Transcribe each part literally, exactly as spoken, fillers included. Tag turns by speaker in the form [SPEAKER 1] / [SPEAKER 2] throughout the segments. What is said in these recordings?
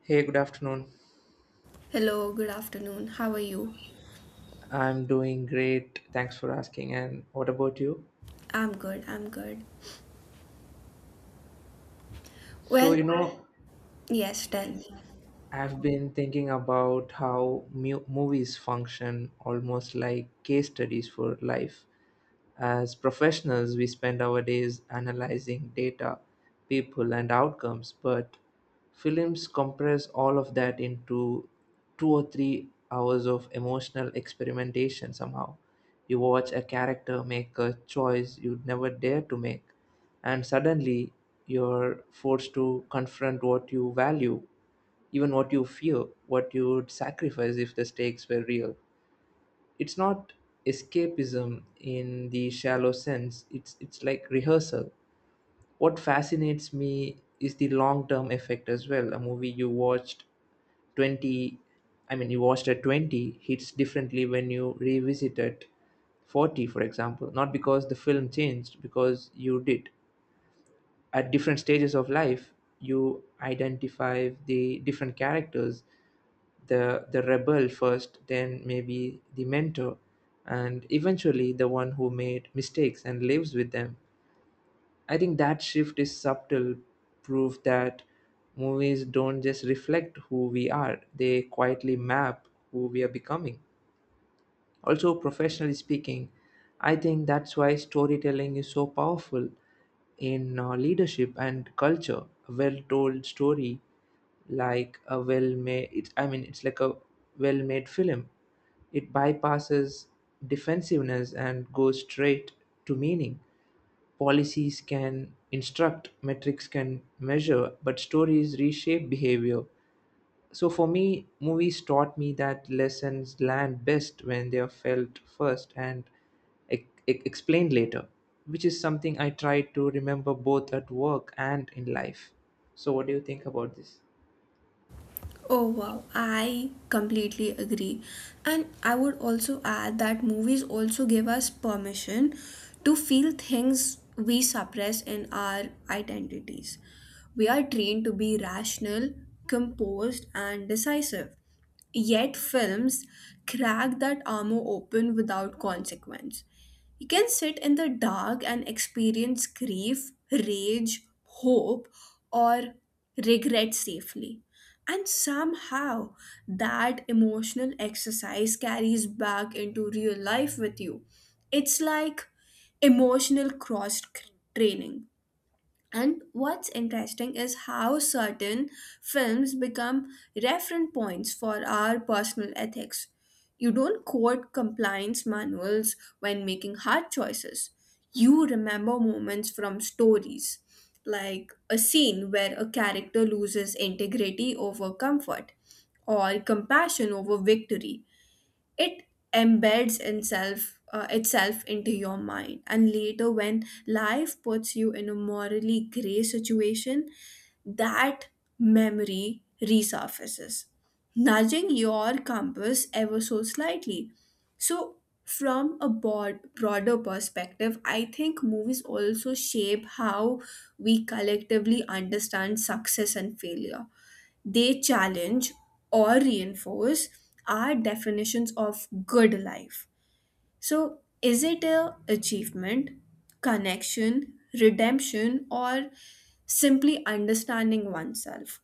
[SPEAKER 1] Hey, good afternoon.
[SPEAKER 2] Hello, good afternoon. How are you?
[SPEAKER 1] I'm doing great. Thanks for asking. And what about you?
[SPEAKER 2] I'm good, I'm good.
[SPEAKER 1] So, you
[SPEAKER 2] Well,
[SPEAKER 1] know,
[SPEAKER 2] yes, tell me.
[SPEAKER 1] I've been thinking about how mu- movies function almost like case studies for life. As professionals, we spend our days analyzing data, people, and outcomes, but films compress all of that into two or three hours of emotional experimentation somehow. You watch a character make a choice you'd never dare to make, and suddenly you're forced to confront what you value, even what you fear, what you'd sacrifice if the stakes were real. It's not escapism in the shallow sense, it's it's like rehearsal. What fascinates me is the long term effect as well. A movie you watched twenty I mean, you watched at twenty hits differently when you revisit it forty, for example, not because the film changed, because you did. At different stages of life you identify the different characters, the the rebel first, then maybe the mentor, and eventually the one who made mistakes and lives with them. I think that shift is subtle proof that movies don't just reflect who we are, they quietly map who we are becoming. Also, professionally speaking, I think that's why storytelling is so powerful in uh, leadership and culture. A well-told story, like a well-made, it's, I mean, it's like a well-made film. It bypasses defensiveness and goes straight to meaning. Policies can instruct, metrics can measure, but stories reshape behavior. So for me, movies taught me that lessons land best when they are felt first and e- e- explained later, which is something I try to remember both at work and in life. So what do you think about this?
[SPEAKER 2] Oh wow, I completely agree. And I would also add that movies also give us permission to feel things we suppress in our identities. We are trained to be rational, composed, and decisive. Yet, films crack that armor open without consequence. You can sit in the dark and experience grief, rage, hope, or regret safely. And somehow that emotional exercise carries back into real life with you. It's like emotional cross training. And what's interesting is how certain films become reference points for our personal ethics. You don't quote compliance manuals when making hard choices. You remember moments from stories, like a scene where a character loses integrity over comfort or compassion over victory. It embeds itself uh, itself into your mind, and later when life puts you in a morally gray situation, that memory resurfaces, nudging your compass ever so slightly. So from a broad, broader perspective, I think movies also shape how we collectively understand success and failure. They challenge or reinforce our definitions of good life. So, is it a achievement, connection, redemption, or simply understanding oneself?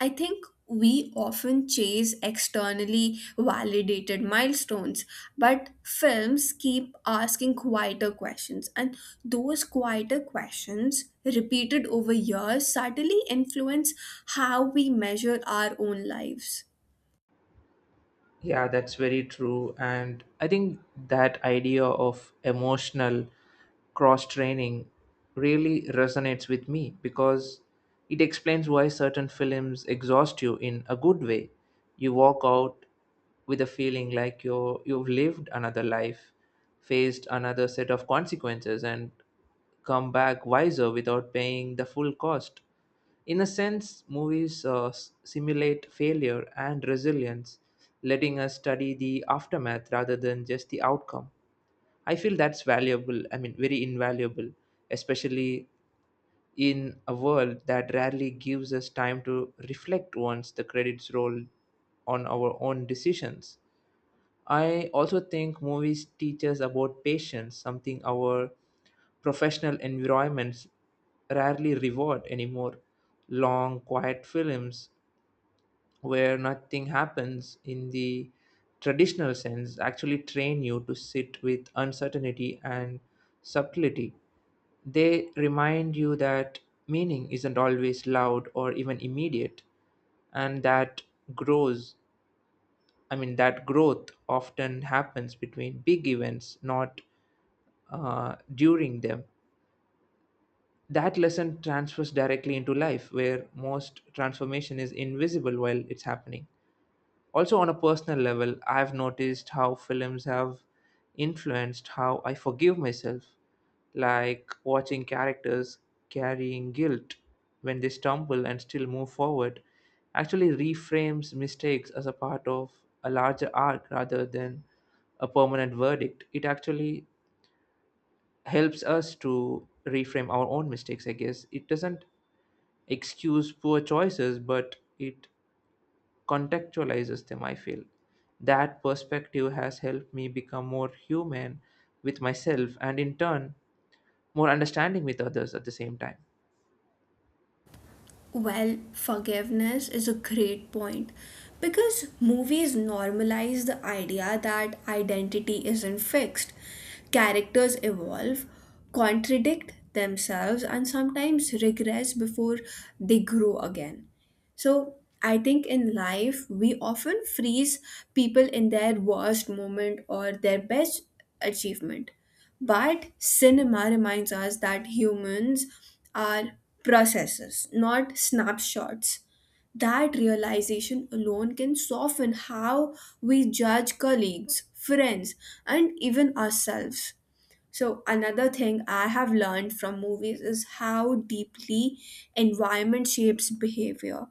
[SPEAKER 2] I think we often chase externally validated milestones, but films keep asking quieter questions, and those quieter questions, repeated over years, suddenly influence how we measure our own lives.
[SPEAKER 1] Yeah, that's very true. And I think that idea of emotional cross training really resonates with me because it explains why certain films exhaust you in a good way. You walk out with a feeling like you're, you've lived another life, faced another set of consequences, and come back wiser without paying the full cost. In a sense, movies uh, s- simulate failure and resilience, letting us study the aftermath rather than just the outcome. I feel that's valuable, I mean, very invaluable, especially in a world that rarely gives us time to reflect once the credits roll on our own decisions. I also think movies teach us about patience, something our professional environments rarely reward anymore. Long, quiet films where nothing happens in the traditional sense actually train you to sit with uncertainty and subtlety. They remind you that meaning isn't always loud or even immediate, and that grows I mean, that growth often happens between big events, not uh, during them. That lesson transfers directly into life, where most transformation is invisible while it's happening. Also, on a personal level, I've noticed how films have influenced how I forgive myself, like watching characters carrying guilt when they stumble and still move forward actually reframes mistakes as a part of a larger arc rather than a permanent verdict. It actually helps us to reframe our own mistakes, I guess. It doesn't excuse poor choices, but it contextualizes them, I feel. That perspective has helped me become more human with myself and, in turn, more understanding with others at the same time.
[SPEAKER 2] Well, forgiveness is a great point because movies normalize the idea that identity isn't fixed. Characters evolve, contradict themselves, and sometimes regress before they grow again. So, I think in life, we often freeze people in their worst moment or their best achievement. But cinema reminds us that humans are processes, not snapshots. That realization alone can soften how we judge colleagues, friends, and even ourselves. So, another thing I have learned from movies is how deeply environment shapes behavior.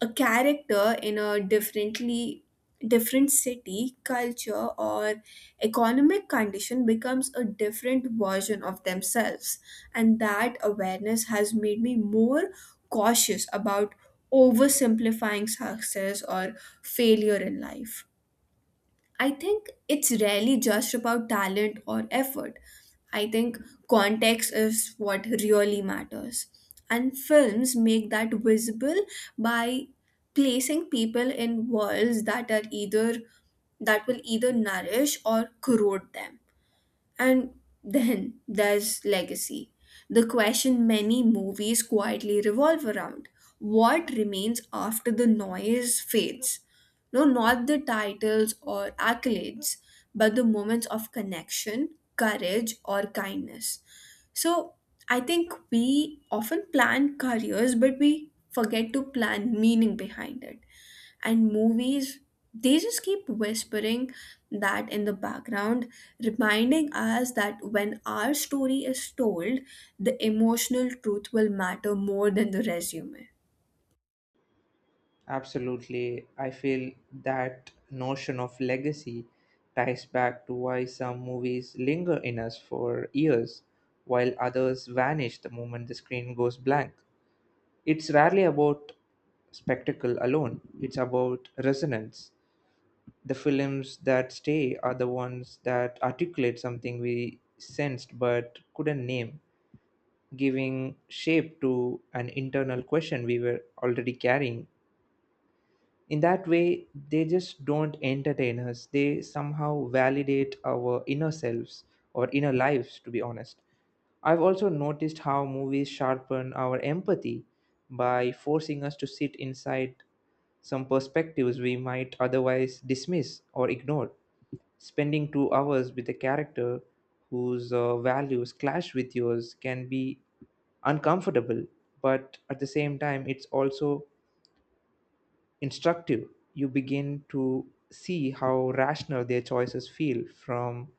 [SPEAKER 2] A character in a differently different city, culture, or economic condition becomes a different version of themselves, and that awareness has made me more cautious about oversimplifying success or failure in life. I think it's rarely just about talent or effort. I think context is what really matters. And films make that visible by placing people in worlds that are either that will either nourish or corrode them. And then there's legacy, the question many movies quietly revolve around. What remains after the noise fades? No, not the titles or accolades, but the moments of connection, courage, or kindness. So I think we often plan careers, but we forget to plan meaning behind it, and movies, they just keep whispering that in the background, reminding us that when our story is told, the emotional truth will matter more than the resume.
[SPEAKER 1] Absolutely. I feel that notion of legacy ties back to why some movies linger in us for years, while others vanish the moment the screen goes blank. It's rarely about spectacle alone, it's about resonance. The films that stay are the ones that articulate something we sensed but couldn't name, giving shape to an internal question we were already carrying. In that way, they just don't entertain us, they somehow validate our inner selves, or inner lives, to be honest. I've also noticed how movies sharpen our empathy by forcing us to sit inside some perspectives we might otherwise dismiss or ignore. Spending two hours with a character whose uh, values clash with yours can be uncomfortable, but at the same time, it's also instructive. You begin to see how rational their choices feel from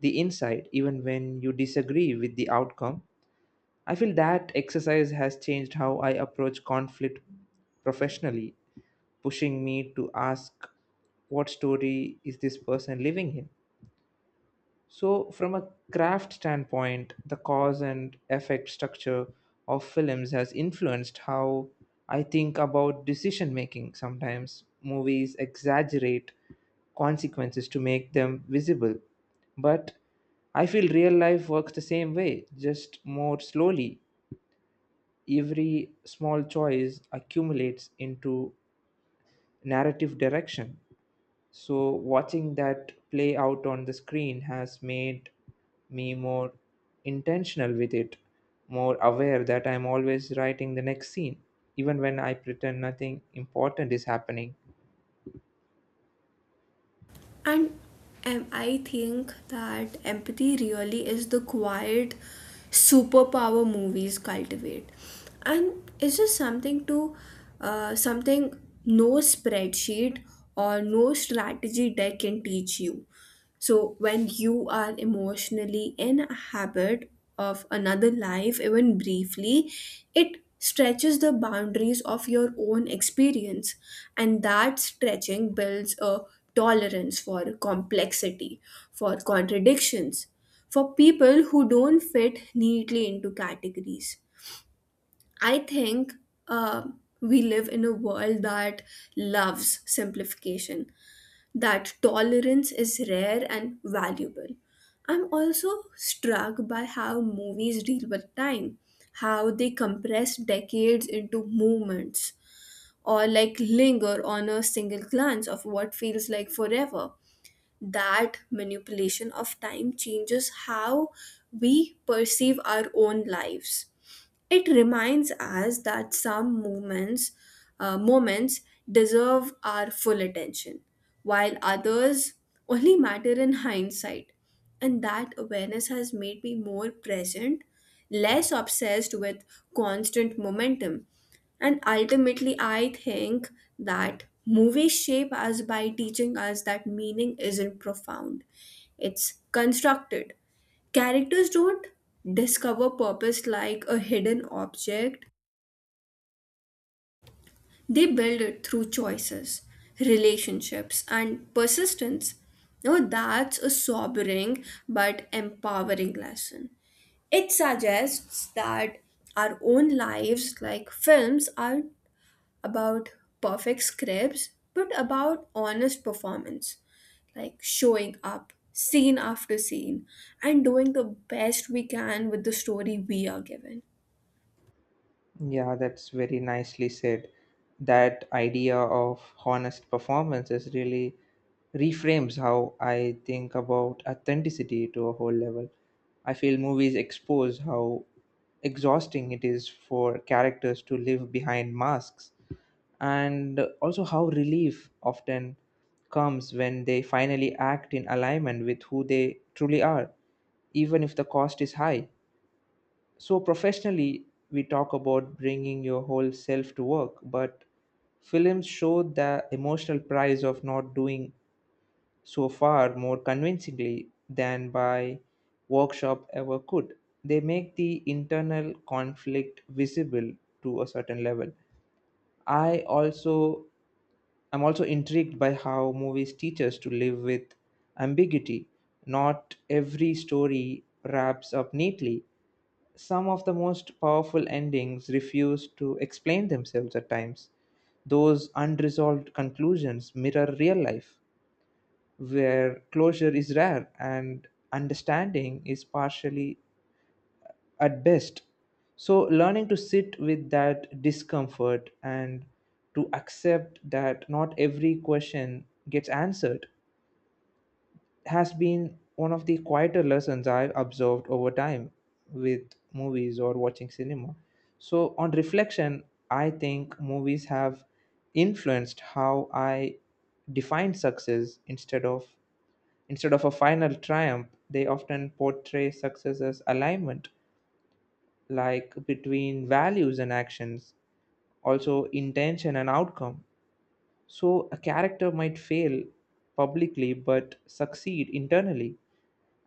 [SPEAKER 1] the inside, even when you disagree with the outcome. I feel that exercise has changed how I approach conflict professionally, pushing me to ask, what story is this person living in? So, from a craft standpoint, the cause and effect structure of films has influenced how I think about decision making. Sometimes movies exaggerate consequences to make them visible, but I feel real life works the same way, just more slowly. Every small choice accumulates into narrative direction. So watching that play out on the screen has made me more intentional with it, more aware that I'm always writing the next scene, even when I pretend nothing important is happening.
[SPEAKER 2] And um, I think that empathy really is the quiet superpower movies cultivate, and it's just something to uh, something no spreadsheet or no strategy deck can teach you. So, when you are emotionally in a habit of another life, even briefly, it stretches the boundaries of your own experience, and that stretching builds a tolerance for complexity, for contradictions, for people who don't fit neatly into categories. I think uh, we live in a world that loves simplification. That tolerance is rare and valuable. I'm also struck by how movies deal with time, how they compress decades into moments, or like linger on a single glance of what feels like forever. That manipulation of time changes how we perceive our own lives. It reminds us that some moments, uh, moments deserve our full attention, while others only matter in hindsight. And that awareness has made me more present, less obsessed with constant momentum. And ultimately, I think that movies shape us by teaching us that meaning isn't profound, it's constructed. Characters don't discover purpose like a hidden object, they build it through choices, relationships, and persistence. Now, that's a sobering but empowering lesson. It suggests that our own lives, like films, are about perfect scripts but about honest performance, like showing up scene after scene and doing the best we can with the story we are given.
[SPEAKER 1] Yeah, that's very nicely said. That idea of honest performance is really reframes how I think about authenticity to a whole level. I feel movies expose how exhausting it is for characters to live behind masks, and also how relief often comes when they finally act in alignment with who they truly are, even if the cost is high. So, professionally, we talk about bringing your whole self to work, but films show the emotional price of not doing so far more convincingly than by workshop ever could. They make the internal conflict visible to a certain level. I also I'm also intrigued by how movies teach us to live with ambiguity. Not every story wraps up neatly, some of the most powerful endings refuse to explain themselves at times. Those unresolved conclusions mirror real life, where closure is rare and understanding is partially at best. So, learning to sit with that discomfort and to accept that not every question gets answered has been one of the quieter lessons I've observed over time with movies or watching cinema. So, on reflection, I think movies have influenced how I define success. Instead of instead of a final triumph, they often portray success as alignment, like between values and actions, also intention and outcome. So a character might fail publicly but succeed internally,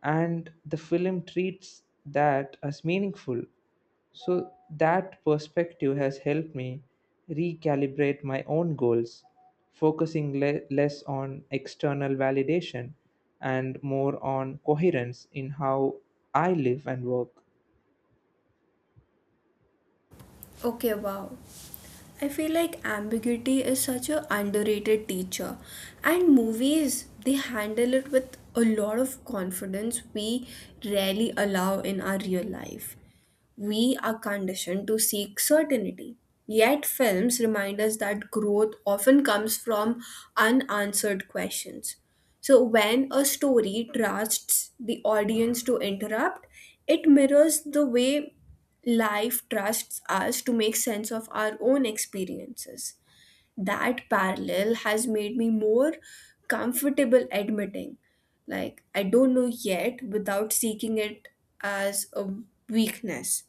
[SPEAKER 1] and the film treats that as meaningful. So that perspective has helped me recalibrate my own goals, focusing le- less on external validation and more on coherence in how I live and work.
[SPEAKER 2] Okay, wow. I feel like ambiguity is such a underrated teacher. And movies, they handle it with a lot of confidence we rarely allow in our real life. We are conditioned to seek certainty. Yet, films remind us that growth often comes from unanswered questions. So, when a story trusts the audience to interrupt, it mirrors the way life trusts us to make sense of our own experiences. That parallel has made me more comfortable admitting, like, I don't know yet, without seeking it as a weakness.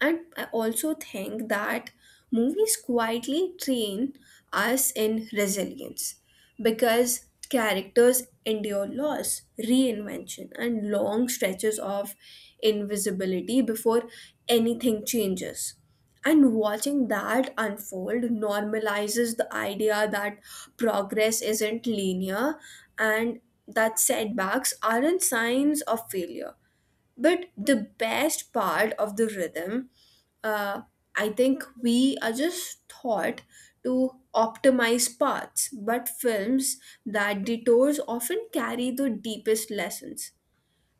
[SPEAKER 2] And I also think that movies quietly train us in resilience because characters endure loss, reinvention, and long stretches of invisibility before anything changes. And watching that unfold normalizes the idea that progress isn't linear, and that setbacks aren't signs of failure but the best part of the rhythm. uh, I think we are just taught to optimize parts, but films that detours often carry the deepest lessons.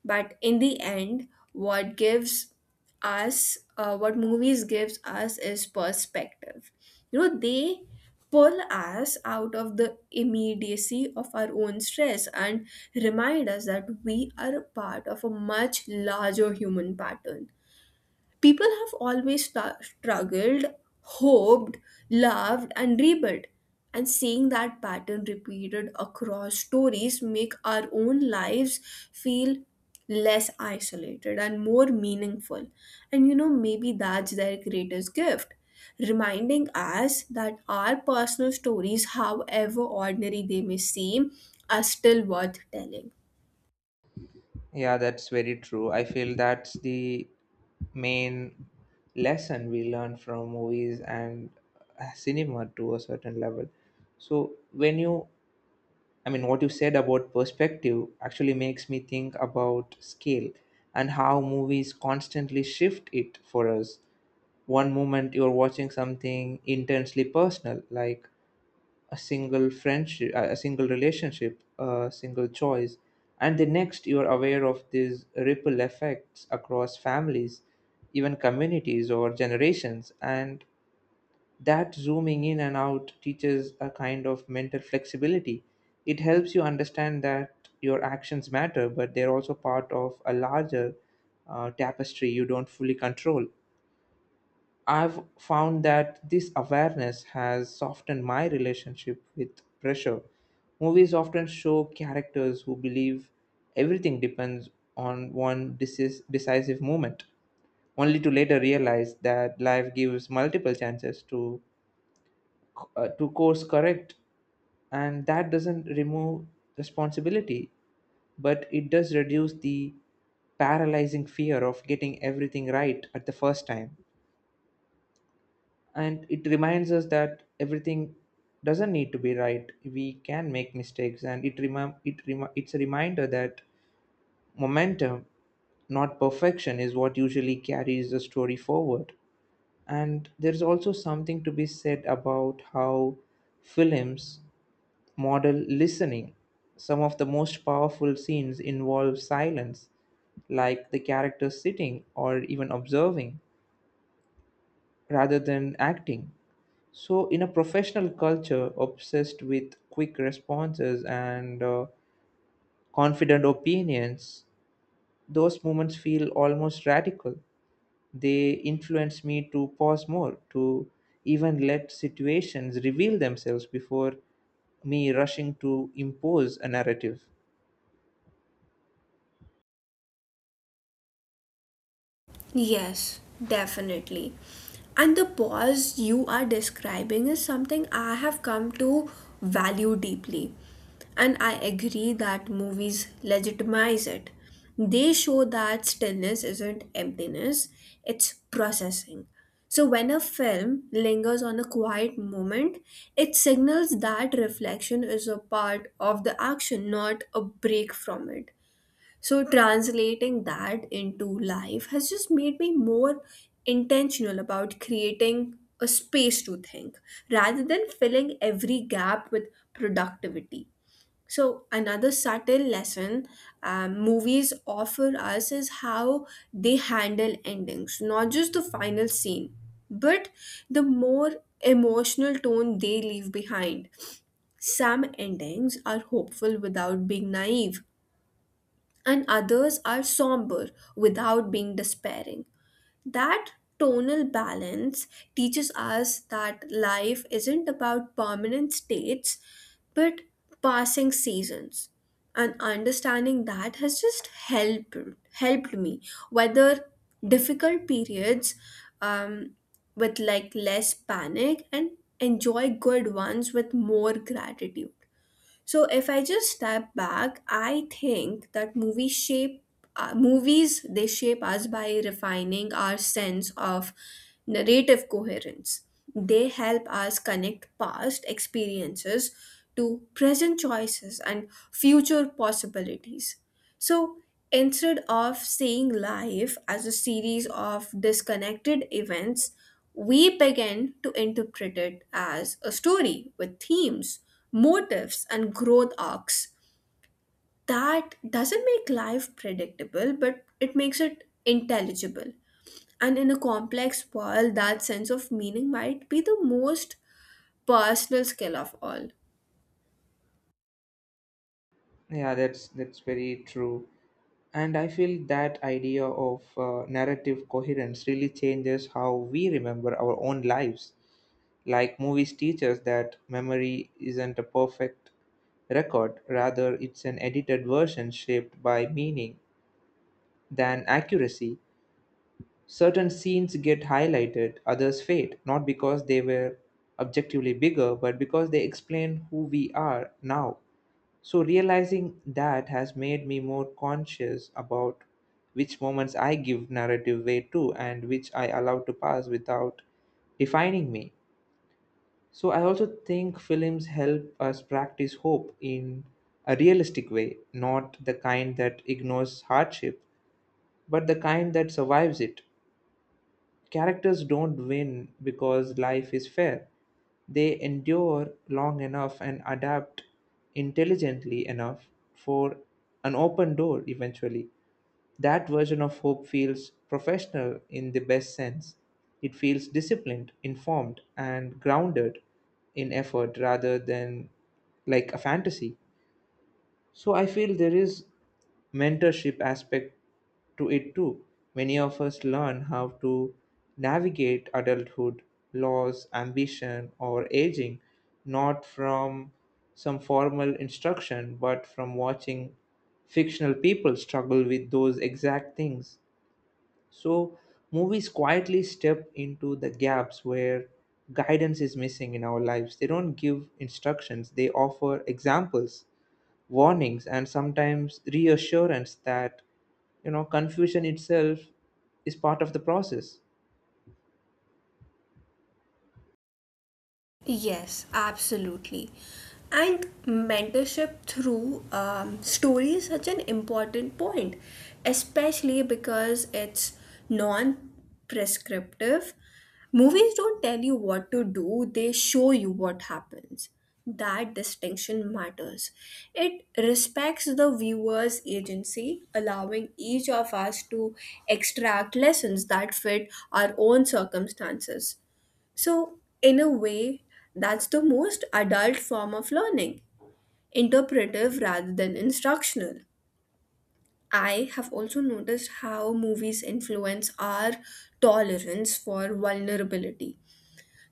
[SPEAKER 2] But in the end, what gives us uh, what movies gives us is perspective. You know, they pull us out of the immediacy of our own stress and remind us that we are a part of a much larger human pattern. People have always sta- struggled, hoped, loved, and rebuilt. And seeing that pattern repeated across stories make our own lives feel less isolated and more meaningful. And you know, maybe that's their greatest gift. Reminding us that our personal stories, however ordinary they may seem, are still worth telling.
[SPEAKER 1] Yeah, that's very true. I feel that's the main lesson we learn from movies and uh, cinema to a certain level. So when you I mean, what you said about perspective actually makes me think about scale and how movies constantly shift it for us. One moment you're watching something intensely personal, like a single friendship, a single relationship, a single choice, and the next you're aware of these ripple effects across families, even communities or generations, and that zooming in and out teaches a kind of mental flexibility. It helps you understand that your actions matter, but they're also part of a larger uh, tapestry you don't fully control. I've found that this awareness has softened my relationship with pressure. Movies often show characters who believe everything depends on one decis- decisive moment, only to later realize that life gives multiple chances to uh, to course correct, and that doesn't remove responsibility, but it does reduce the paralyzing fear of getting everything right at the first time. And it reminds us that everything doesn't need to be right, we can make mistakes, and it remi- it remi- it's a reminder that momentum, not perfection, is what usually carries the story forward. And there's also something to be said about how films model listening. Some of the most powerful scenes involve silence, like the character sitting or even observing rather than acting. So, in a professional culture obsessed with quick responses and uh, confident opinions, those moments feel almost radical. They influence me to pause more, to even let situations reveal themselves before me rushing to impose a narrative.
[SPEAKER 2] Yes, definitely. And the pause you are describing is something I have come to value deeply. And I agree that movies legitimize it. They show that stillness isn't emptiness, it's processing. So when a film lingers on a quiet moment, it signals that reflection is a part of the action, not a break from it. So, translating that into life has just made me more intentional about creating a space to think rather than filling every gap with productivity. So, another subtle lesson, um, movies offer us is how they handle endings, not just the final scene, but the more emotional tone they leave behind. Some endings are hopeful without being naive, and others are somber without being despairing. That tonal balance teaches us that life isn't about permanent states but passing seasons. And understanding that has just helped helped me weather difficult periods um, with like less panic and enjoy good ones with more gratitude. So if I just step back, I think that movies shape uh, movies they shape us by refining our sense of narrative coherence. They help us connect past experiences to present choices and future possibilities. So instead of seeing life as a series of disconnected events, we begin to interpret it as a story with themes, motives, and growth arcs. That doesn't make life predictable, but it makes it intelligible. And in a complex world, that sense of meaning might be the most personal skill of all.
[SPEAKER 1] Yeah, that's that's very true. And I feel that idea of uh, narrative coherence really changes how we remember our own lives. Like movies teach us that memory isn't a perfect record, rather, it's an edited version shaped by meaning than accuracy. Certain scenes get highlighted, others fade, not because they were objectively bigger, but because they explain who we are now. So, realizing that has made me more conscious about which moments I give narrative weight to and which I allow to pass without defining me. So, I also think films help us practice hope in a realistic way, not the kind that ignores hardship, but the kind that survives it. Characters don't win because life is fair. They endure long enough and adapt intelligently enough for an open door eventually. That version of hope feels professional in the best sense. It feels disciplined, informed, and grounded in effort rather than like a fantasy. So I feel there is mentorship aspect to it too. Many of us learn how to navigate adulthood, loss, ambition, or aging not from some formal instruction but from watching fictional people struggle with those exact things. So movies quietly step into the gaps where guidance is missing in our lives. They don't give instructions, they offer examples, warnings, and sometimes reassurance that you know confusion itself is part of the process.
[SPEAKER 2] Yes, absolutely. And mentorship through um, story is such an important point, especially because it's non prescriptive. Movies don't tell you what to do, they show you what happens. That distinction matters. It respects the viewer's agency, allowing each of us to extract lessons that fit our own circumstances. So, in a way, that's the most adult form of learning, interpretive rather than instructional. I have also noticed how movies influence our tolerance for vulnerability.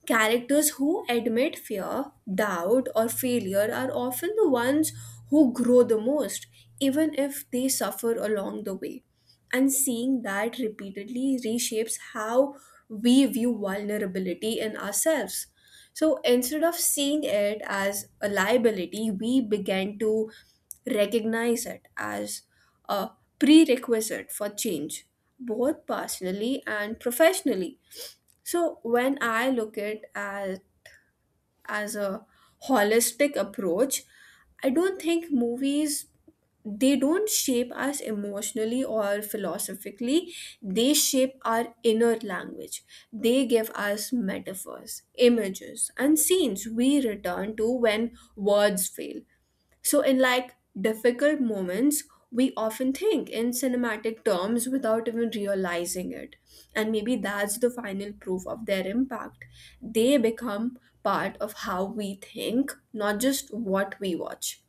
[SPEAKER 2] Characters who admit fear, doubt, or failure are often the ones who grow the most, even if they suffer along the way. And seeing that repeatedly reshapes how we view vulnerability in ourselves. So instead of seeing it as a liability, we began to recognize it as a prerequisite for change, both personally and professionally. So when I look at as as a holistic approach, I don't think movies, they don't shape us emotionally or philosophically, they shape our inner language. They give us metaphors, images, and scenes we return to when words fail. So, in like difficult moments, we often think in cinematic terms without even realizing it. And maybe that's the final proof of their impact. They become part of how we think, not just what we watch.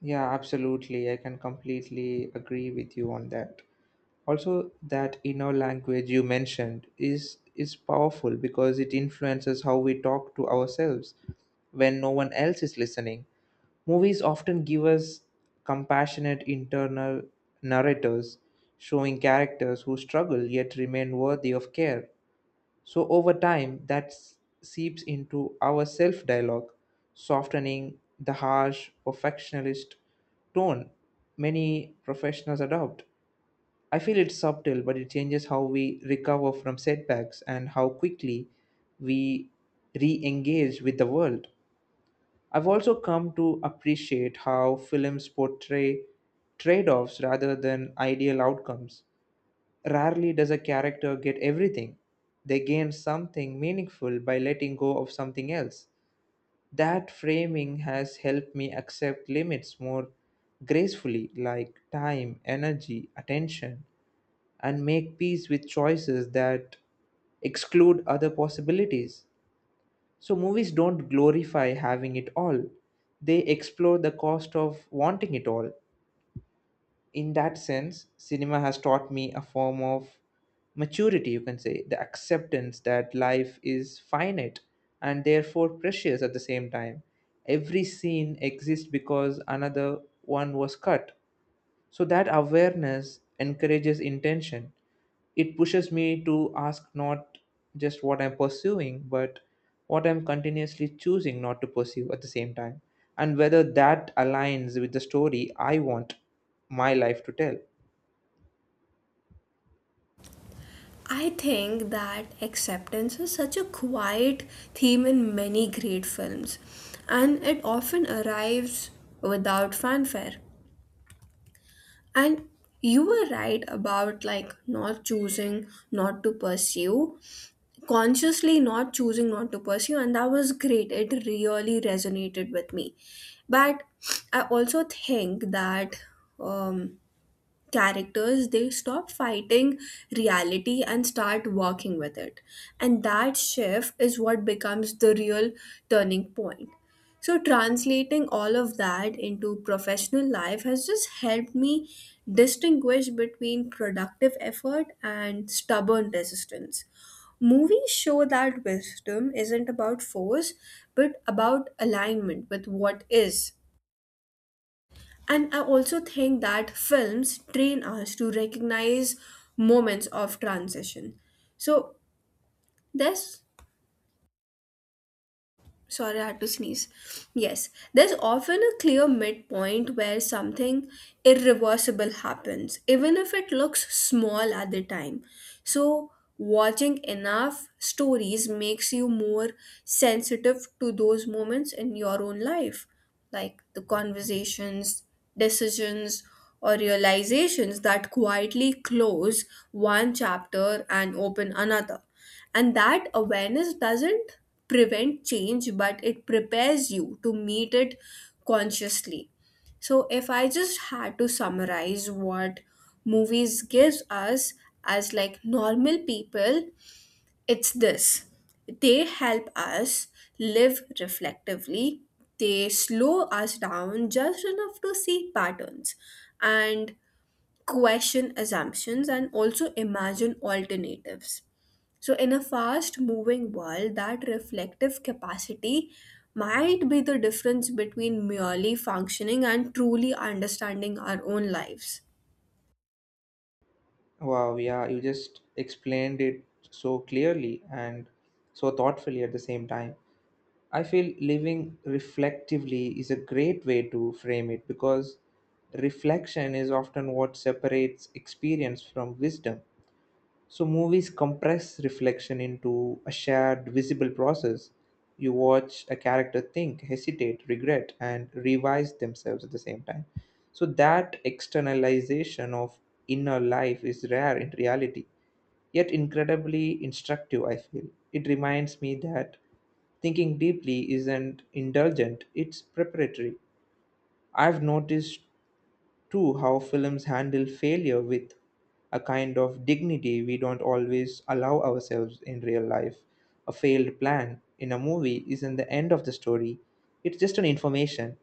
[SPEAKER 1] Yeah, absolutely, I can completely agree with you on that. Also, that inner language you mentioned is is powerful because it influences how we talk to ourselves when no one else is listening. Movies often give us compassionate internal narrators, showing characters who struggle yet remain worthy of care. So over time, that s- seeps into our self dialogue, softening the harsh perfectionist tone many professionals adopt. I feel it's subtle, but it changes how we recover from setbacks and how quickly we re engage with the world. I've also come to appreciate how films portray trade offs rather than ideal outcomes. Rarely does a character get everything. They gain something meaningful by letting go of something else. That framing has helped me accept limits more gracefully, like time, energy, attention, and make peace with choices that exclude other possibilities. So, movies don't glorify having it all, they explore the cost of wanting it all. In that sense, cinema has taught me a form of maturity, you can say, the acceptance that life is finite and therefore precious at the same time. Every scene exists because another one was cut, so that awareness encourages intention. It pushes me to ask not just what I'm pursuing, but what I'm continuously choosing not to pursue at the same time, and whether that aligns with the story I want my life to tell.
[SPEAKER 2] I think that acceptance is such a quiet theme in many great films, and it often arrives without fanfare. And you were right about like not choosing not to pursue, consciously not choosing not to pursue, and that was great, it really resonated with me. But I also think that um characters, they stop fighting reality and start working with it, and that shift is what becomes the real turning point. So translating all of that into professional life has just helped me distinguish between productive effort and stubborn resistance. Movies show that wisdom isn't about force but about alignment with what is. And I also think that films train us to recognize moments of transition. So there's sorry, I had to sneeze. Yes, there's often a clear midpoint where something irreversible happens, even if it looks small at the time. So, watching enough stories makes you more sensitive to those moments in your own life, like the conversations, decisions, or realizations that quietly close one chapter and open another. And that awareness doesn't prevent change, but it prepares you to meet it consciously. So, if I just had to summarize what movies gives us as like normal people, it's this. They help us live reflectively. They slow us down just enough to see patterns and question assumptions and also imagine alternatives. So, in a fast moving world, that reflective capacity might be the difference between merely functioning and truly understanding our own lives.
[SPEAKER 1] Wow, yeah, you just explained it so clearly and so thoughtfully at the same time. I feel living reflectively is a great way to frame it because reflection is often what separates experience from wisdom. So movies compress reflection into a shared visible process. You watch a character think, hesitate, regret, and revise themselves at the same time. So that externalization of inner life is rare in reality, yet incredibly instructive, I feel. It reminds me that thinking deeply isn't indulgent, it's preparatory. I've noticed Two, how films handle failure with a kind of dignity we don't always allow ourselves in real life. A failed plan in a movie isn't the end of the story, it's just an information.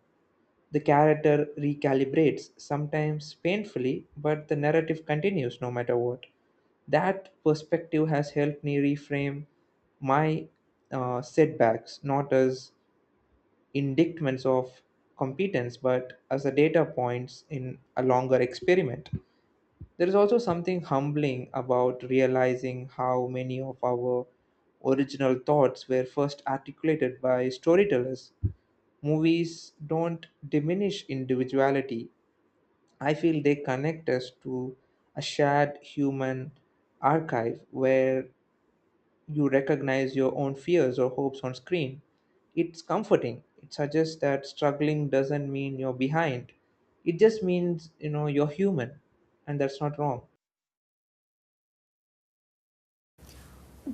[SPEAKER 1] The character recalibrates, sometimes painfully, but the narrative continues no matter what. That perspective has helped me reframe my uh, setbacks not as indictments of competence but as a data points in a longer experiment. There is also something humbling about realizing how many of our original thoughts were first articulated by storytellers. Movies don't diminish individuality, I feel they connect us to a shared human archive where you recognize your own fears or hopes on screen. It's comforting. It suggests that struggling doesn't mean you're behind. It just means, you know, you're human, and that's not wrong.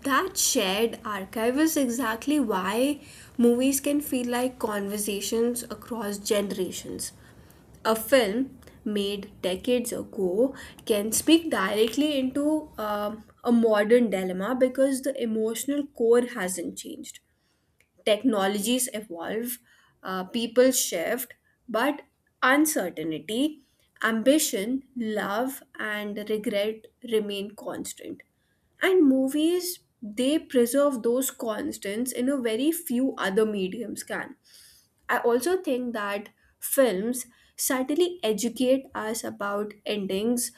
[SPEAKER 2] That shared archive is exactly why movies can feel like conversations across generations. A film made decades ago can speak directly into um, a modern dilemma because the emotional core hasn't changed. Technologies evolve, uh, people shift, but uncertainty, ambition, love, and regret remain constant. And movies, they preserve those constants in a very few other mediums can. I also think that films subtly educate us about endings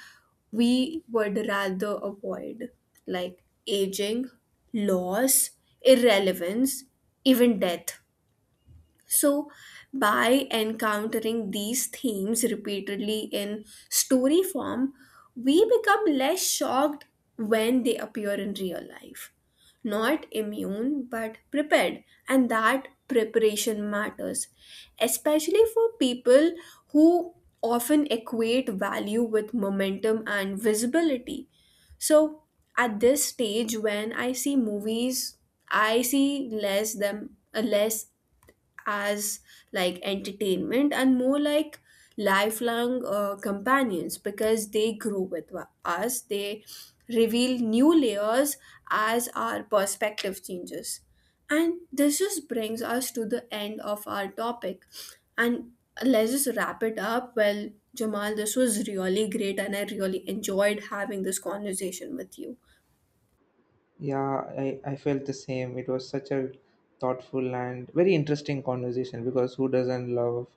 [SPEAKER 2] we would rather avoid, like aging, loss, irrelevance, even death. So, by encountering these themes repeatedly in story form, we become less shocked when they appear in real life. Not immune, but prepared, and that preparation matters, especially for people who often equate value with momentum and visibility. So, at this stage, when I see movies, I see less them, uh, less as like entertainment and more like lifelong uh, companions because they grow with wa- us. They reveal new layers as our perspective changes, and this just brings us to the end of our topic. And let's just wrap it up. Well, Jamal, this was really great and I really enjoyed having this conversation with you.
[SPEAKER 1] Yeah, I, I felt the same. It was such a thoughtful and very interesting conversation because who doesn't love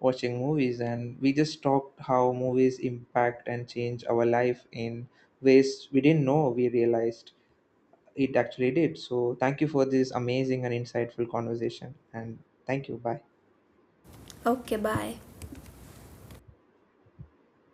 [SPEAKER 1] watching movies? And we just talked how movies impact and change our life in ways we didn't know we realized. It actually did. So, thank you for this amazing and insightful conversation. And thank you. Bye.
[SPEAKER 2] Okay, bye.